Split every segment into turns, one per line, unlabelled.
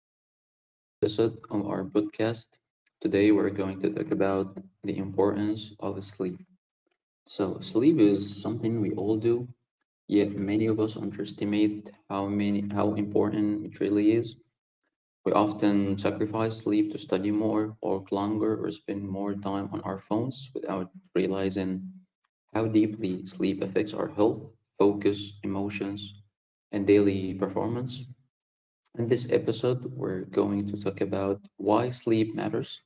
to a new episode of our podcast. Today, we're going to talk about the importance of sleep. So, sleep is something we all do, yet many of us underestimate how important it really is. We often sacrifice sleep to study more, work longer, or spend more time on our phones without realizing how deeply sleep affects our health, focus, emotions, and daily performance. In this episode, we're going to talk about why sleep matters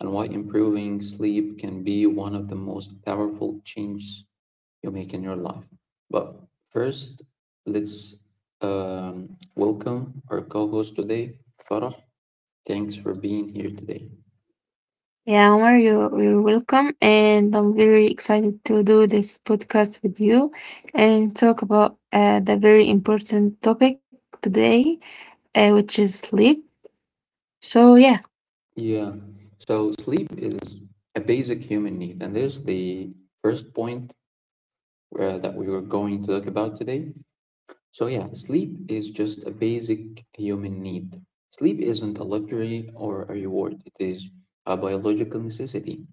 and why improving sleep can be one of the most powerful changes you make in your life. But first, let's welcome our co host today, Farah. Thanks for being here today.
Yeah, Omar, you're welcome. And I'm very excited to do this podcast with you and talk about the very important topic today, which is sleep. So, yeah,
Yeah, so sleep is a basic human need, and this is the first point that we were going to talk about today. So, yeah, sleep is just a basic human need. Sleep isn't a luxury or a reward, it is a biological necessity,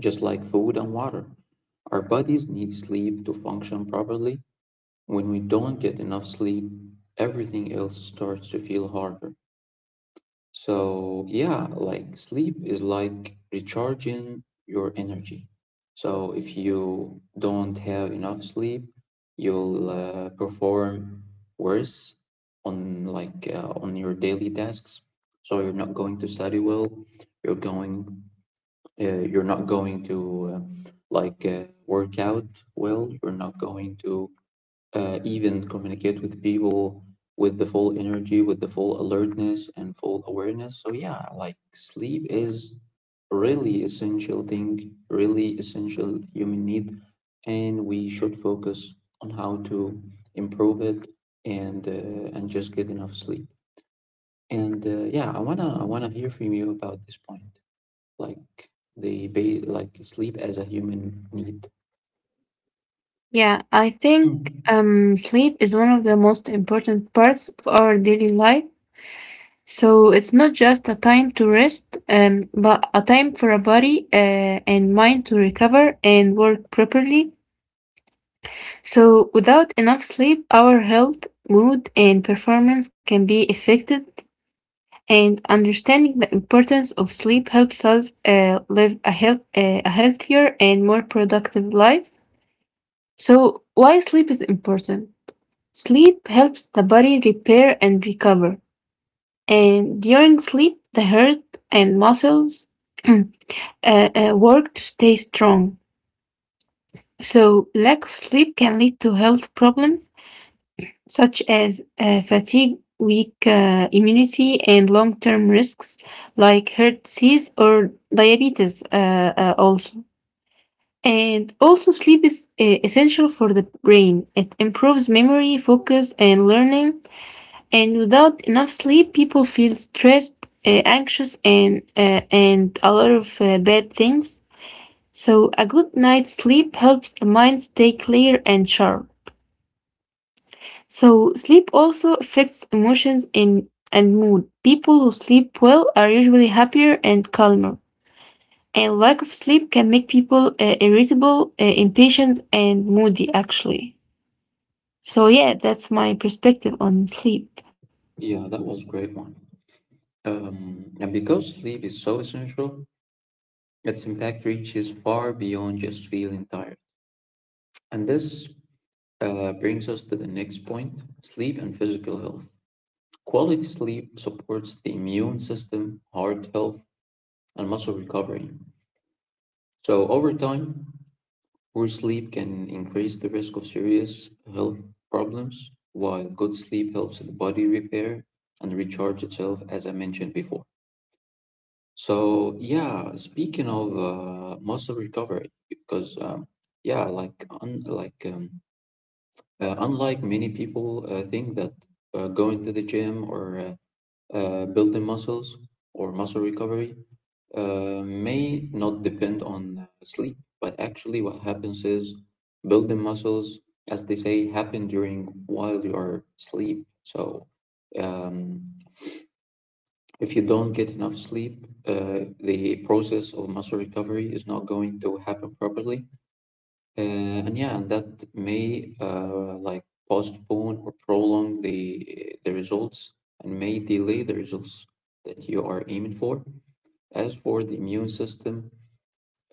just like food and water. Our bodies need sleep to function properly. When we don't get enough sleep, everything else starts to feel harder. So, yeah, like sleep is like recharging your energy. So, if you don't have enough sleep, you'll perform worse on on your daily tasks. So, you're not going to study well. You're going you're not going to work out well. You're not going to even communicate with people with the full energy, with the full alertness and full awareness. So yeah, like sleep is really essential thing, really essential human need, and we should focus on how to improve it and just get enough sleep. And Yeah, I wanna hear from you about this point, like like sleep as a human need.
yeah, I think
Mm.
sleep is one of the most important parts of our daily life. So, it's not just a time to rest, but a time for a body and mind to recover and work properly. So, without enough sleep, our health, mood, and performance can be affected, and understanding the importance of sleep helps us live a healthier and more productive life. So, why sleep is important? Sleep helps the body repair and recover, and during sleep, the heart and muscles uh, work to stay strong. So, lack of sleep can lead to health problems such as fatigue, weak immunity, and long term risks like heart disease or diabetes, also. And also, sleep is essential for the brain. It improves memory, focus, and learning. And without enough sleep, people feel stressed, anxious, and a lot of bad things. So, a good night's sleep helps the mind stay clear and sharp. So, sleep also affects emotions and mood. People who sleep well are usually happier and calmer. And lack of sleep can make people irritable, impatient, and moody, actually. So, yeah, that's my perspective on sleep.
Yeah, that was great one. And because sleep is so essential, its impact reaches far beyond just feeling tired. And this brings us to the next point sleep and physical health. Quality sleep supports the immune system, heart health, and muscle recovery. So, over time, poor sleep can increase the risk of serious health problems, while good sleep helps the body repair and recharge itself, as I mentioned before. So yeah, speaking of muscle recovery, because yeah, like un like unlike many people think that going to the gym or building muscles or muscle recovery may not depend on sleep, but actually what happens is building muscles, as they say, happen during while you are asleep. So um, if you don't get enough sleep, the process of muscle recovery is not going to happen properly. Uh, and yeah, and that may like postpone or prolong the results and may delay the results that you are aiming for. As for the immune system,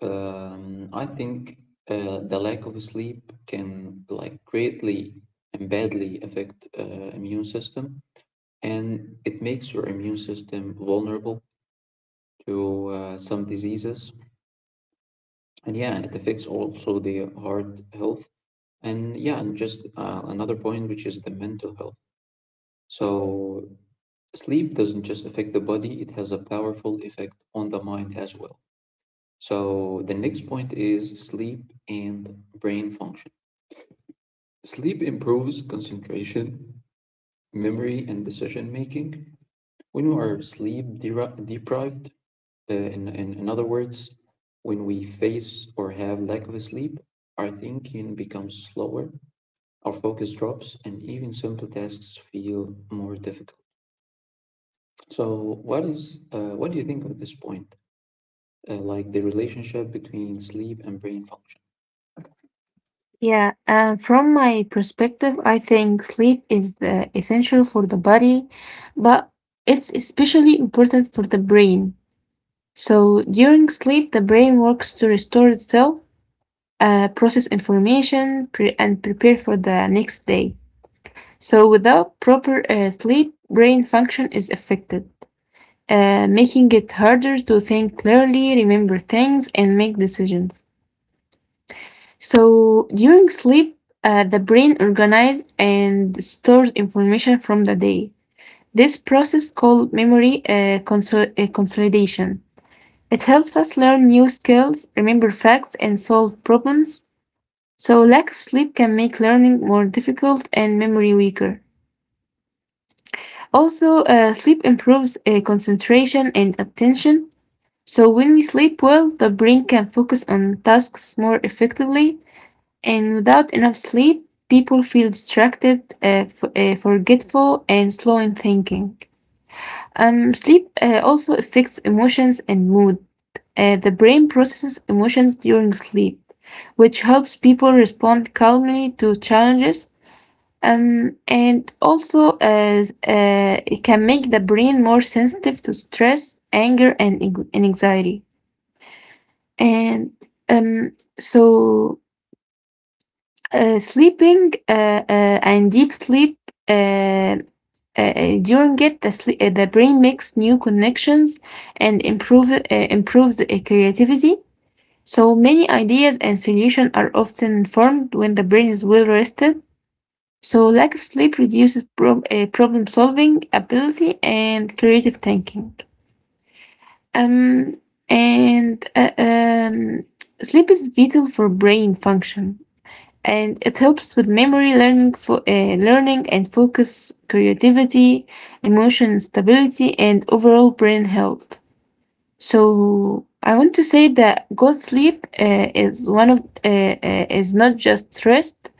I think the lack of sleep can like greatly and badly affect immune system, and it makes your immune system vulnerable to some diseases. And yeah, it affects also the heart health. And yeah, and just another point, which is the mental health. So sleep doesn't just affect the body, it has a powerful effect on the mind as well. So the next point is sleep and brain function. Sleep improves concentration, memory, and decision making. When we are deprived, in other words, when we face or have lack of sleep, our thinking becomes slower, our focus drops, and even simple tasks feel more difficult. So, what do you think of this point? Like the relationship between sleep and brain function?
Yeah, from my perspective, I think sleep is essential for the body, but it's especially important for the brain. So, during sleep, the brain works to restore itself process information, and prepare for the next day. So, without proper sleep, brain function is affected, making it harder to think clearly, remember things, and make decisions. So, during sleep, the brain organizes and stores information from the day. This process, called memory consolidation, it helps us learn new skills, remember facts, and solve problems. So, lack of sleep can make learning more difficult and memory weaker. Also, sleep improves concentration and attention. So, when we sleep well, the brain can focus on tasks more effectively. And without enough sleep, people feel distracted, forgetful, and slow in thinking. Sleep also affects emotions and mood. The brain processes emotions during sleep, which helps people respond calmly to challenges. And also, as it can make the brain more sensitive to stress, anger, and anxiety. And um, so, sleeping and deep sleep uh, during it, the brain makes new connections and improves the creativity. So many ideas and solutions are often formed when the brain is well rested. So, lack of sleep reduces problem solving ability and creative thinking. Um, and Sleep is vital for brain function, and it helps with memory, learning and focus, creativity, emotion stability, and overall brain health. So I want to say that good sleep is one of is not just rest;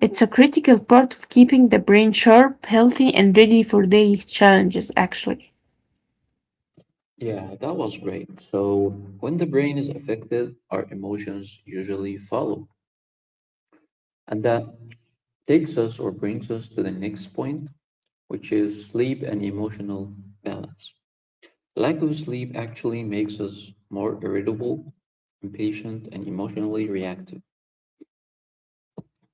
it's a critical part of keeping the brain sharp, healthy, and ready for daily challenges. Actually,
Yeah, that was great. So, when the brain is affected, our emotions usually follow, and that takes us or brings us to the next point, which is sleep and emotional balance. Lack of sleep actually makes us more irritable, impatient, and emotionally reactive.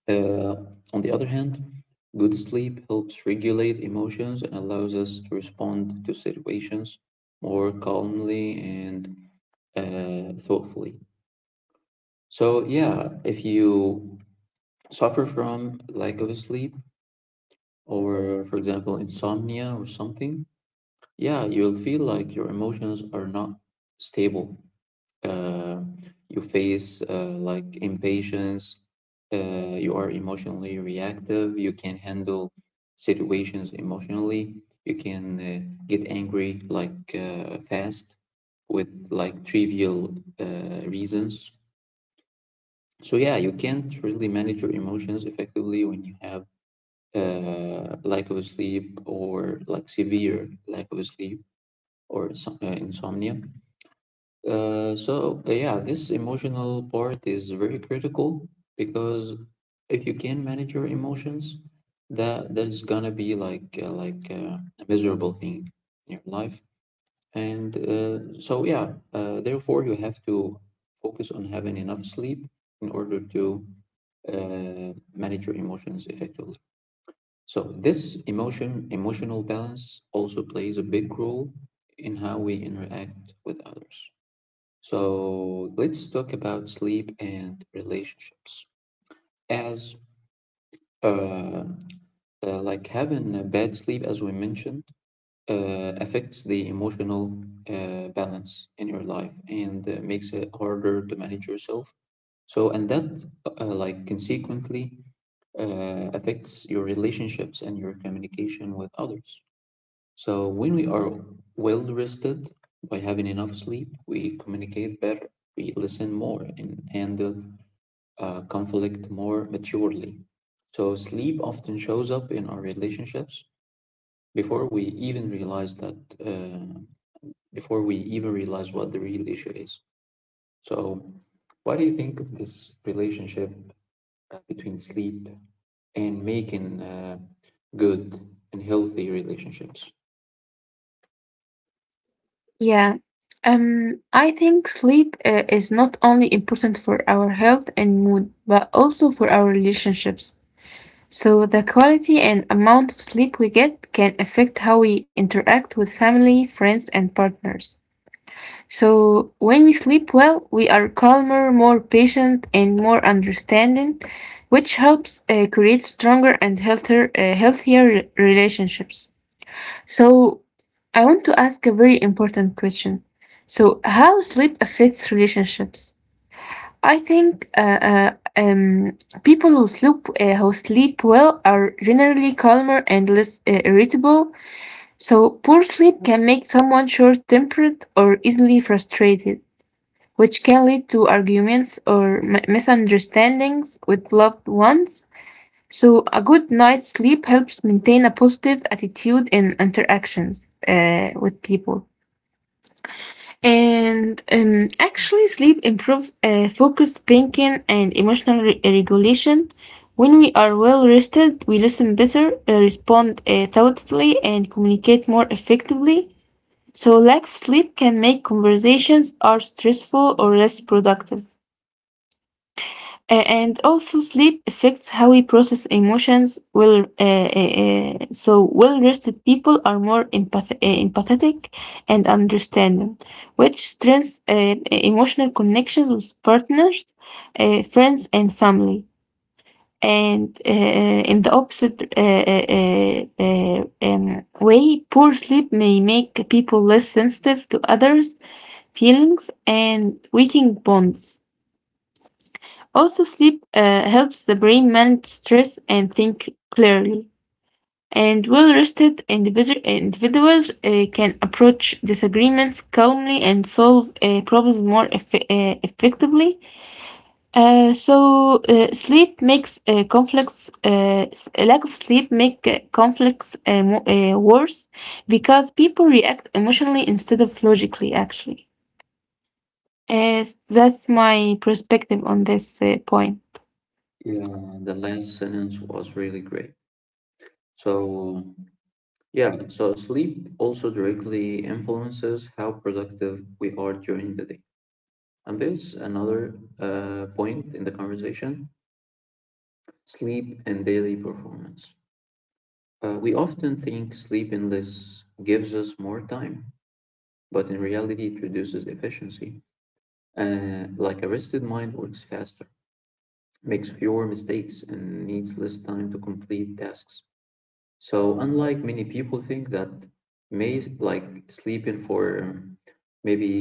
Uh, on the other hand, good sleep helps regulate emotions and allows us to respond to situations more calmly and thoughtfully. So, yeah, if you suffer from lack of sleep, or for example, insomnia or something, yeah, you'll feel like your emotions are not stable uh, you face like impatience, you are emotionally reactive, you can handle situations emotionally, you can get angry fast with like trivial reasons. So yeah, you can't really manage your emotions effectively when you have lack of sleep or like severe lack of sleep or insomnia. So yeah, this emotional part is very critical because if you can manage your emotions, that is gonna be like a miserable thing in your life. And so yeah, therefore you have to focus on having enough sleep in order to manage your emotions effectively. So this emotional balance also plays a big role in how we interact with others. So let's talk about sleep and relationships. As uh, like having a bad sleep, as we mentioned, affects the emotional balance in your life and makes it harder to manage yourself. So, and that like consequently affects your relationships and your communication with others. So, when we are well rested by having enough sleep, we communicate better, we listen more, and handle conflict more maturely. So, sleep often shows up in our relationships before we even realize uh, before we even realize what the real issue is. So, what do you think of this relationship between sleep and making good and healthy relationships?
yeah. I think sleep is not only important for our health and mood, but also for our relationships. So the quality and amount of sleep we get can affect how we interact with family, friends, and partners. So, when we sleep well, we are calmer, more patient, and more understanding, which helps create stronger and relationships. So, I want to ask a very important question. So, how sleep affects relationships? I think people who sleep well are generally calmer and less irritable. So, poor sleep can make someone short-tempered or easily frustrated, which can lead to arguments or misunderstandings with loved ones. So, a good night's sleep helps maintain a positive attitude in interactions with people. And actually, sleep improves focus, thinking, and emotional regulation. When we are well rested, we listen better, respond thoughtfully, and communicate more effectively. So, lack of sleep can make conversations are stressful or less productive. And also sleep affects how we process emotions. Well, so well-rested people are more empathetic and understanding, which strengthens emotional connections with partners, friends, and family. And in the opposite way, poor sleep may make people less sensitive to others' feelings and weaken bonds. Also, sleep helps the brain manage stress and think clearly. And well rested individuals can approach disagreements calmly and solve problems more effectively. So, sleep makes conflicts, s- a lack of sleep make conflicts worse because people react emotionally instead of logically, actually. That's my perspective on this point.
Yeah, the last sentence was really great. So, yeah, so sleep also directly influences how productive we are during the day. And there's another point in the conversation sleep and daily performance. We often think sleeping less gives us more time, but in reality, it reduces efficiency. Like a rested mind works faster, makes fewer mistakes, and needs less time to complete tasks. So unlike many people think that may like sleeping for maybe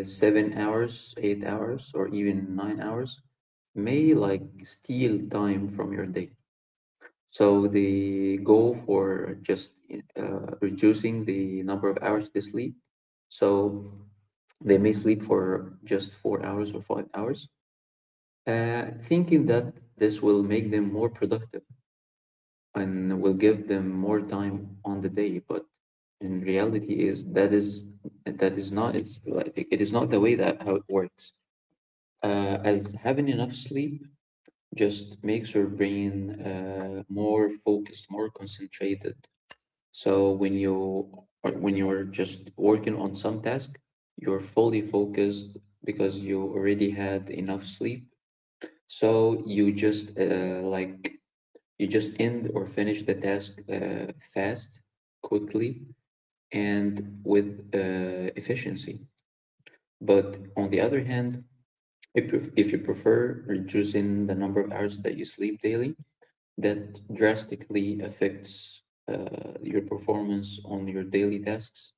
7 hours, 8 hours, or even 9 hours may like steal time from your day. So they go for just reducing the number of hours they sleep. So they may sleep for just 4 hours or 5 hours, thinking that this will make them more productive and will give them more time on the day but in reality is that is that is not it's like it is not the way that how it works as having enough sleep just makes your brain more focused more concentrated so when you or when you're just working on some task you're fully focused because you already had enough sleep so you just you just end or finish the task fast, quickly, and with efficiency. But on the other hand, if you prefer reducing the number of hours that you sleep daily, that drastically affects your performance on your daily tasks.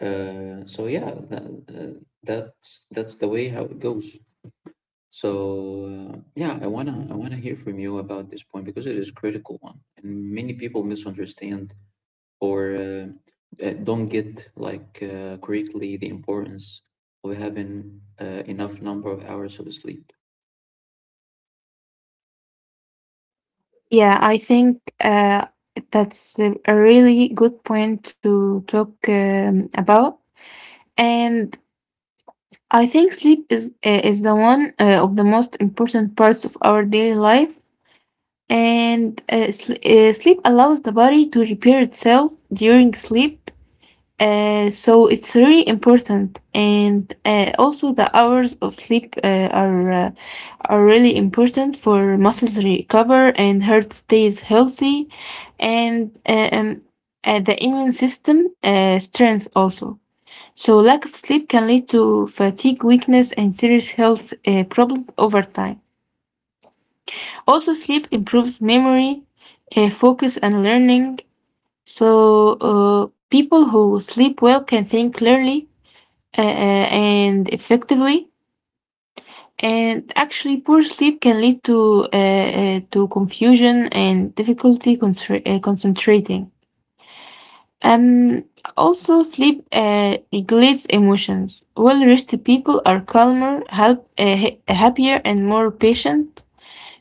Uh, so yeah, that, that's that's the way how it goes. So yeah, I wanna hear from you about this point because it is a critical one, and many people misunderstand or don't get correctly the importance of having enough number of hours of sleep.
Yeah, I think that's a really good point to talk about. And I think sleep is the one of the most important parts of our daily life. And sleep allows the body to repair itself during sleep. So it's really important. And also the hours of sleep are really important for muscles recover and heart stays healthy and the immune system strength also. So lack of sleep can lead to fatigue, weakness, and serious health problems over time. Also, sleep improves memory, focus, and learning. So people who sleep well can think clearly and effectively. And actually, poor sleep can lead to confusion and difficulty concentrating. Um, Also, sleep regulates emotions. Well-rested people are calmer, happier, and more patient.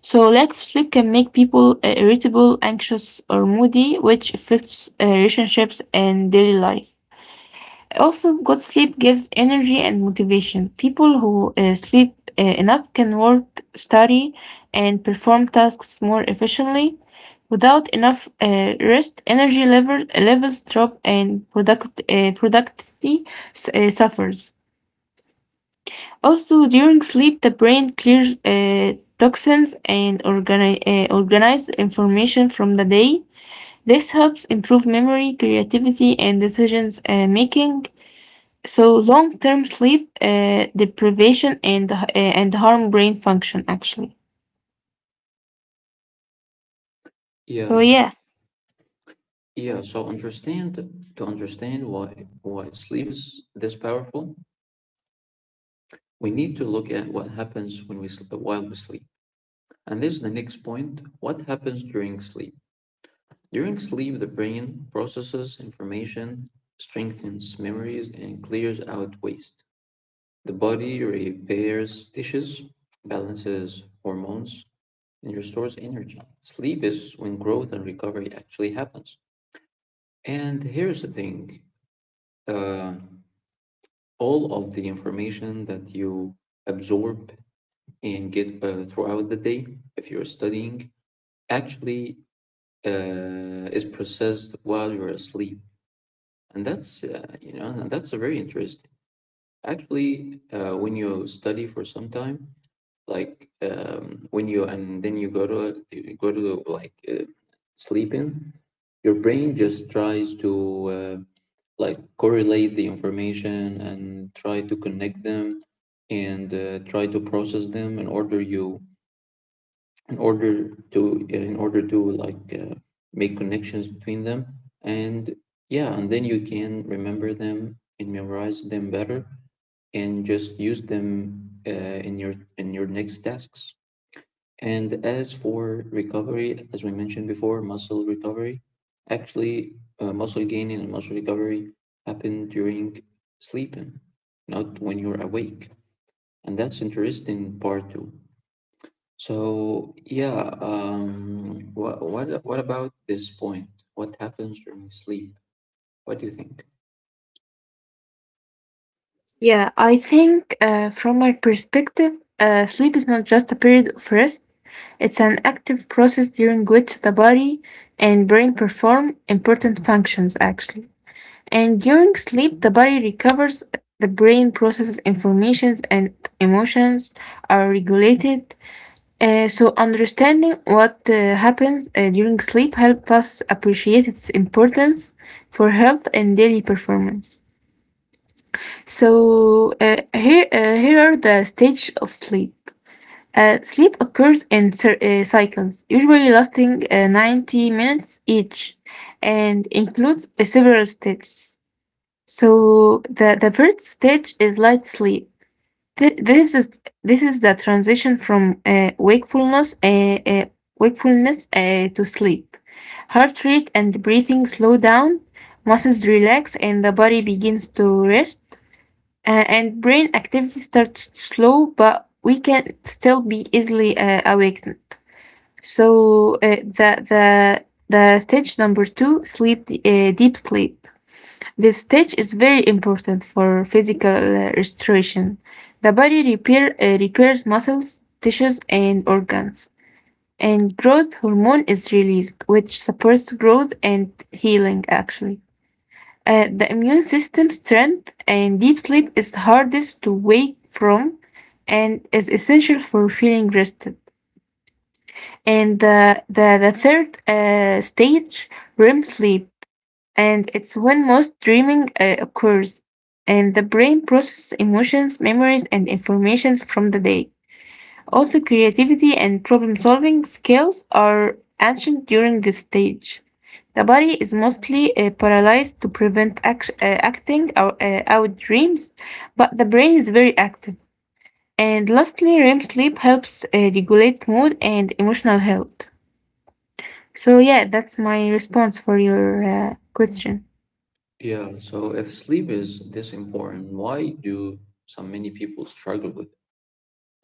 So, lack of sleep can make people irritable, anxious, or moody, which affects relationships and daily life. Also, good sleep gives energy and motivation. People who sleep enough can work, study, and perform tasks more efficiently. Without enough rest, levels drop and productivity suffers. Also, during sleep, the brain clears toxins and organize information from the day. This helps improve memory, creativity, and decisions making, so long-term sleep deprivation and harm brain function actually. So
Yeah,
yeah,
yeah. So understand To understand why sleep is this powerful. We need to look at what happens while we sleep, and this is the next point. What happens during sleep? During sleep, the brain processes information, strengthens memories, and clears out waste. The body repairs tissues, balances hormones, and restores energy. Sleep is when growth and recovery actually happens. And here's the thing, uh, all of the information that you absorb and get throughout the day, if you're studying, actually is processed while you're asleep. And and that's a very interesting. Actually, when you study for some time, when you and then you go to sleeping your brain just tries to like correlate the information and try to connect them and try to process them in order to make connections between them and yeah and then you can remember them and memorize them better and just use them uh, in your next tasks and as for recovery, as we mentioned before, muscle recovery, actually, muscle gaining and muscle recovery happen during sleeping, not when you're awake. And that's interesting part too. So yeah, what about this point? What happens during sleep? What do you think?
yeah, I think from my perspective, sleep is not just a period of rest. It's an active process during which the body and brain perform important functions actually. And during sleep, the body recovers, the brain processes informations and emotions are regulated. So understanding what happens during sleep helps us appreciate its importance for health and daily performance. So here, here are the stages of sleep. Sleep occurs in cycles, usually lasting 90 minutes each, and includes several stages. So the first stage is light sleep. This is the transition from wakefulness to sleep. Heart rate and breathing slow down, muscles relax, and the body begins to rest. And brain activity starts slow, but we can still be easily awakened. So the stage number two, deep sleep. This stage is very important for physical restoration. The body repairs muscles, tissues, and organs, and growth hormone is released, which supports growth and healing actually. The immune system strength and deep sleep is hardest to wake from and is essential for feeling rested. And the third stage, REM sleep, and it's when most dreaming occurs. And the brain processes emotions, memories, and informations from the day. Also, creativity and problem solving skills are ancient during this stage. The body is mostly paralyzed to prevent acting out dreams, but the brain is very active. And lastly, REM sleep helps regulate mood and emotional health. So, yeah, that's my response for your question.
Yeah, so if sleep is this important, why do so many people struggle with?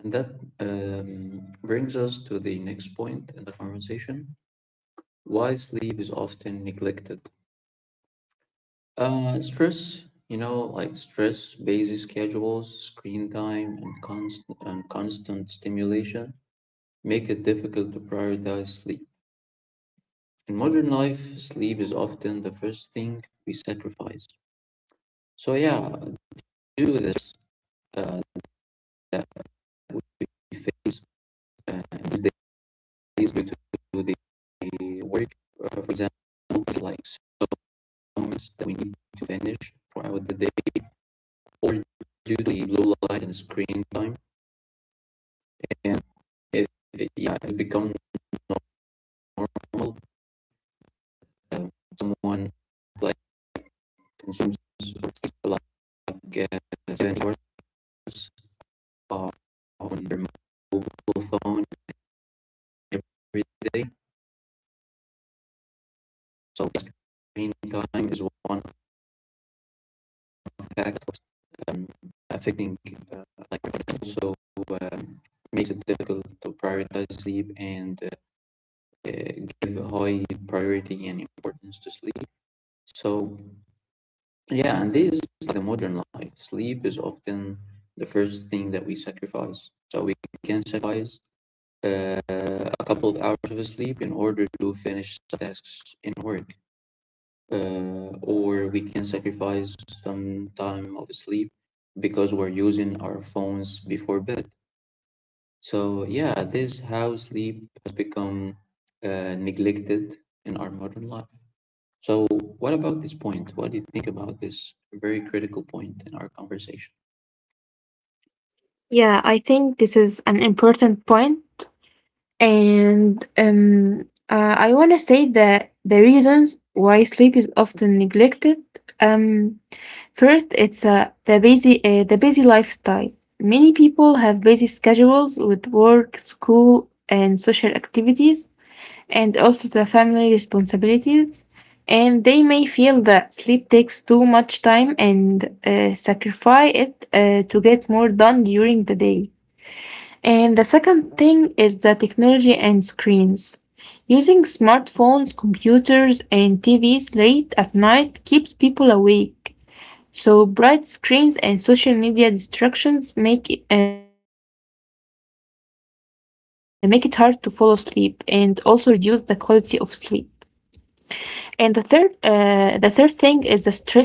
And that brings us to the next point in the conversation why sleep is often neglected. Stress, you know, like stress, busy schedules, screen time, and constant stimulation make it difficult to prioritize sleep. In modern life, sleep is often the first thing we sacrifice. So, yeah, due to this, uh, that we face uh, these is due to the work, for example, like summits that we need to finish throughout the day, or due to the low light and screen time. And it, yeah, it becomes normal. Uh, Someone like consumes like uh, 7 hours uh, on their mobile phone every day. So screen time is one impact um, affecting uh, like also um, makes it difficult to prioritize sleep and uh, give high priority and importance to sleep. So yeah, and this is like the modern life. Sleep is often the first thing that we sacrifice. So we can sacrifice a couple of hours of sleep in order to finish tasks in work. Or we can sacrifice some time of sleep because we're using our phones before bed. So, yeah, this how sleep has become neglected in our modern life. So, what about this point? What do you think about this very critical point in our conversation?
Yeah, I think this is an important point, and I want to say that the reasons why sleep is often neglected. Um, First, it's the busy lifestyle. Many people have busy schedules with work, school, and social activities, and also the family responsibilities. And they may feel that sleep takes too much time and sacrifice it to get more done during the day. And the second thing is the technology and screens. Using smartphones, computers, and TVs late at night keeps people awake. So bright screens and social media distractions make it hard to fall asleep and also reduce the quality of sleep. And the third thing is the stress and anxiety.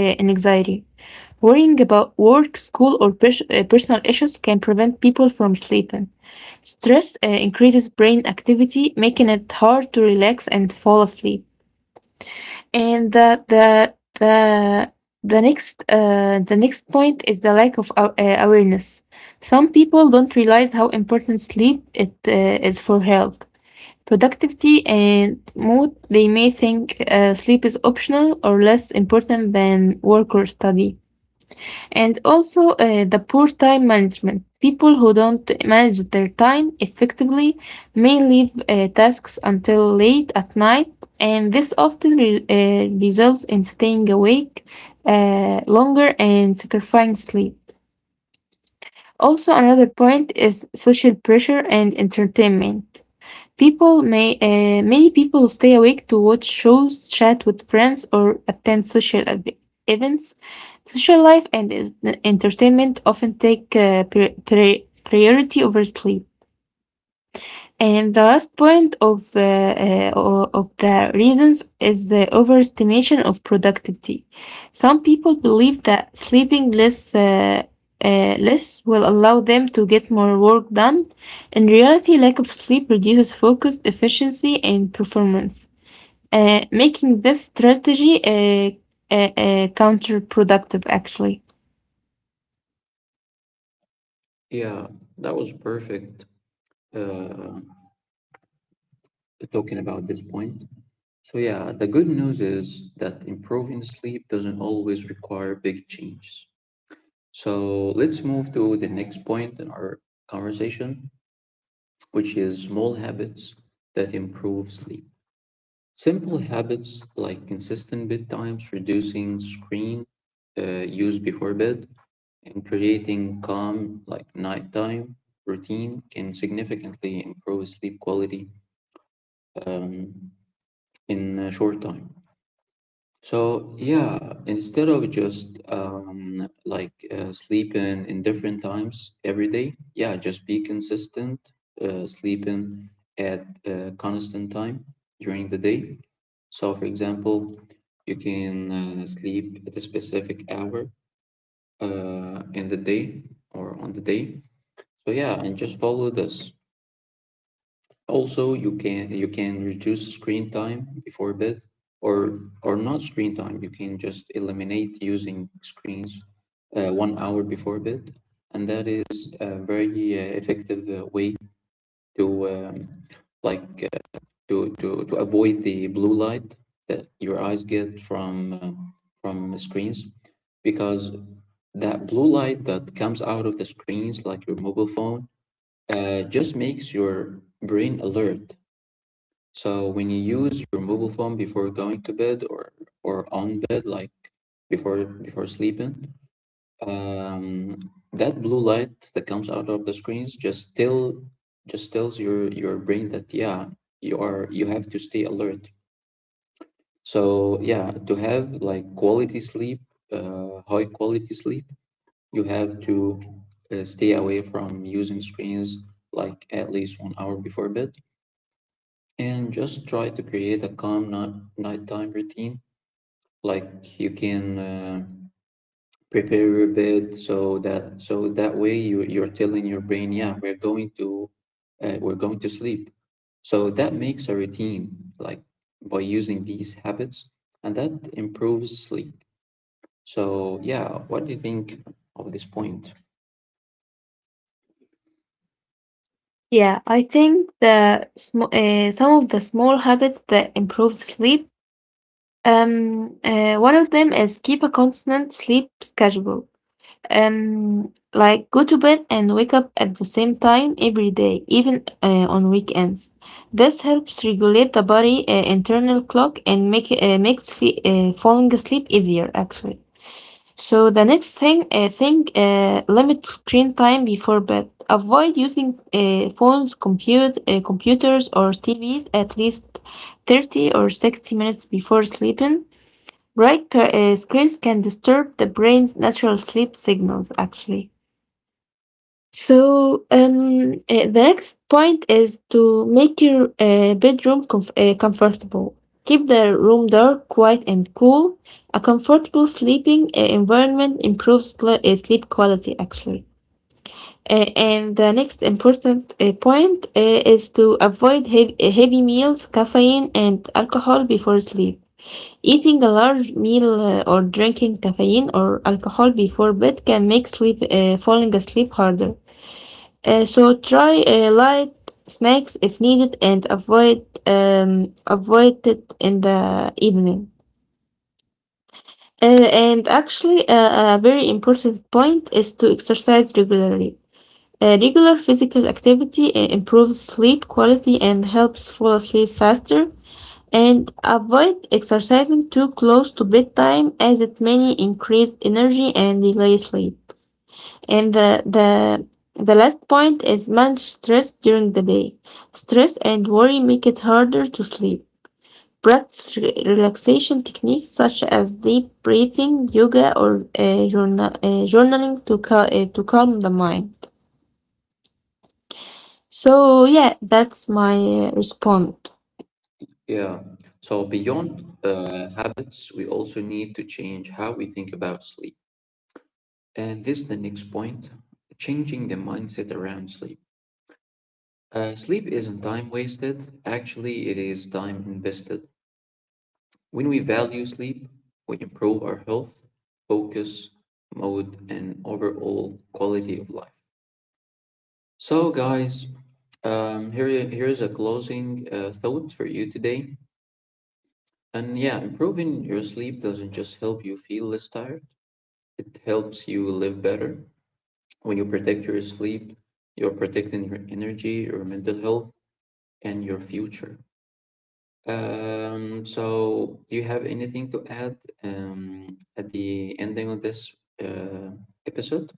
Worrying about work, school, or personal issues can prevent people from sleeping. Stress increases brain activity, making it hard to relax and fall asleep. And the the next point is the lack of awareness. Some people don't realize how important sleep it is for health, productivity, and mood. They may think sleep is optional or less important than work or study. And also the poor time management. People who don't manage their time effectively may leave tasks until late at night, and this often results in staying awake longer and sacrificing sleep. Also, another point is social pressure and entertainment. People may many people stay awake to watch shows, chat with friends, or attend events. Social life and en- entertainment often take priority over sleep. And the last point of the reasons is the overestimation of productivity. Some people believe that sleeping less will allow them to get more work done. In reality, lack of sleep reduces focus, efficiency, and performance, making this strategy counterproductive, actually.
Yeah, that was perfect uh, talking about this point. So yeah, the good news is that improving sleep doesn't always require big changes. So let's move to the next point in our conversation, which is small habits that improve sleep. Simple habits like consistent bedtimes, reducing screen use before bed, and creating calm like nighttime routine can significantly improve sleep quality, um, in a short time. So yeah, instead of just like sleeping in different times every day, yeah, just be consistent, sleeping at a constant time during the day. So for example, you can sleep at a specific hour in the day or on the day. So yeah, and just follow this. Also, you can reduce screen time before bed, or not screen time. You can just eliminate using screens, 1 hour before bed, and that is a very effective way to like to avoid the blue light that your eyes get from screens, because that blue light that comes out of the screens, like your mobile phone, just makes your brain alert. So when you use your mobile phone before going to bed or on bed, like before sleeping, um, that blue light that comes out of the screens just tells your brain that yeah, you have to stay alert. So yeah, to have like quality sleep, high quality sleep, you have to stay away from using screens like at least 1 hour before bed and just try to create a calm nighttime routine. Like you can prepare your bed so that so that way you you're telling your brain, yeah, we're going to sleep. So that makes a routine, like by using these habits, and that improves sleep. So yeah, what do you think of this point?
Yeah, I think some of the small habits that improve sleep. One of them is keep a constant sleep schedule. Like go to bed and wake up at the same time every day, even on weekends. This helps regulate the body internal clock and makes falling asleep easier, actually. So the next thing, limit screen time before bed. Avoid using phones, computers, or TVs at least 30 or 60 minutes before sleeping. Bright screens can disturb the brain's natural sleep signals, actually. So, the next point is to make your bedroom comfortable. Keep the room dark, quiet, and cool. A comfortable sleeping environment improves sleep quality, actually. Uh, and the next important point is to avoid heavy meals, caffeine, and alcohol before sleep. Eating a large meal or drinking caffeine or alcohol before bed can make sleep falling asleep harder. So try light snacks if needed, and avoid it in the evening. A very important point is to exercise regularly. Regular physical activity improves sleep quality and helps fall asleep faster, and avoid exercising too close to bedtime as it may increase energy and delay sleep. And the last point is manage stress during the day. Stress and worry make it harder to sleep. Practice relaxation techniques such as deep breathing, yoga, or journaling to calm the mind. So, yeah, that's my response.
Yeah. So beyond habits, we also need to change how we think about sleep. And this is the next point, changing the mindset around sleep. Sleep isn't time wasted, actually, it is time invested. When we value sleep, we improve our health, focus, mood, and overall quality of life. So, guys, here's a closing thought for you today. And yeah, improving your sleep doesn't just help you feel less tired, it helps you live better. When you protect your sleep, you're protecting your energy, your mental health, and your future. So, do you have anything to add at the ending of this uh, episode?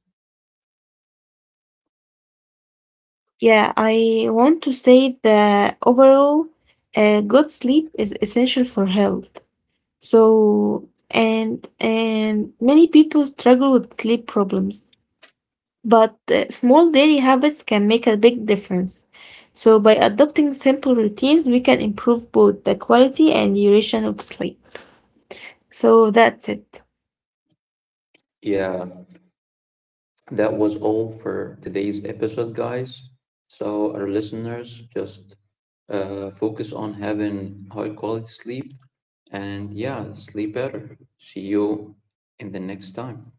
Yeah, I want to say that overall, good sleep is essential for health. So, and many people struggle with sleep problems, but small daily habits can make a big difference. So, by adopting simple routines, we can improve both the quality and duration of sleep. So that's it.
Yeah, that was all for today's episode, guys. So, our listeners just focus on having high quality sleep and yeah, sleep better. See you in the next time.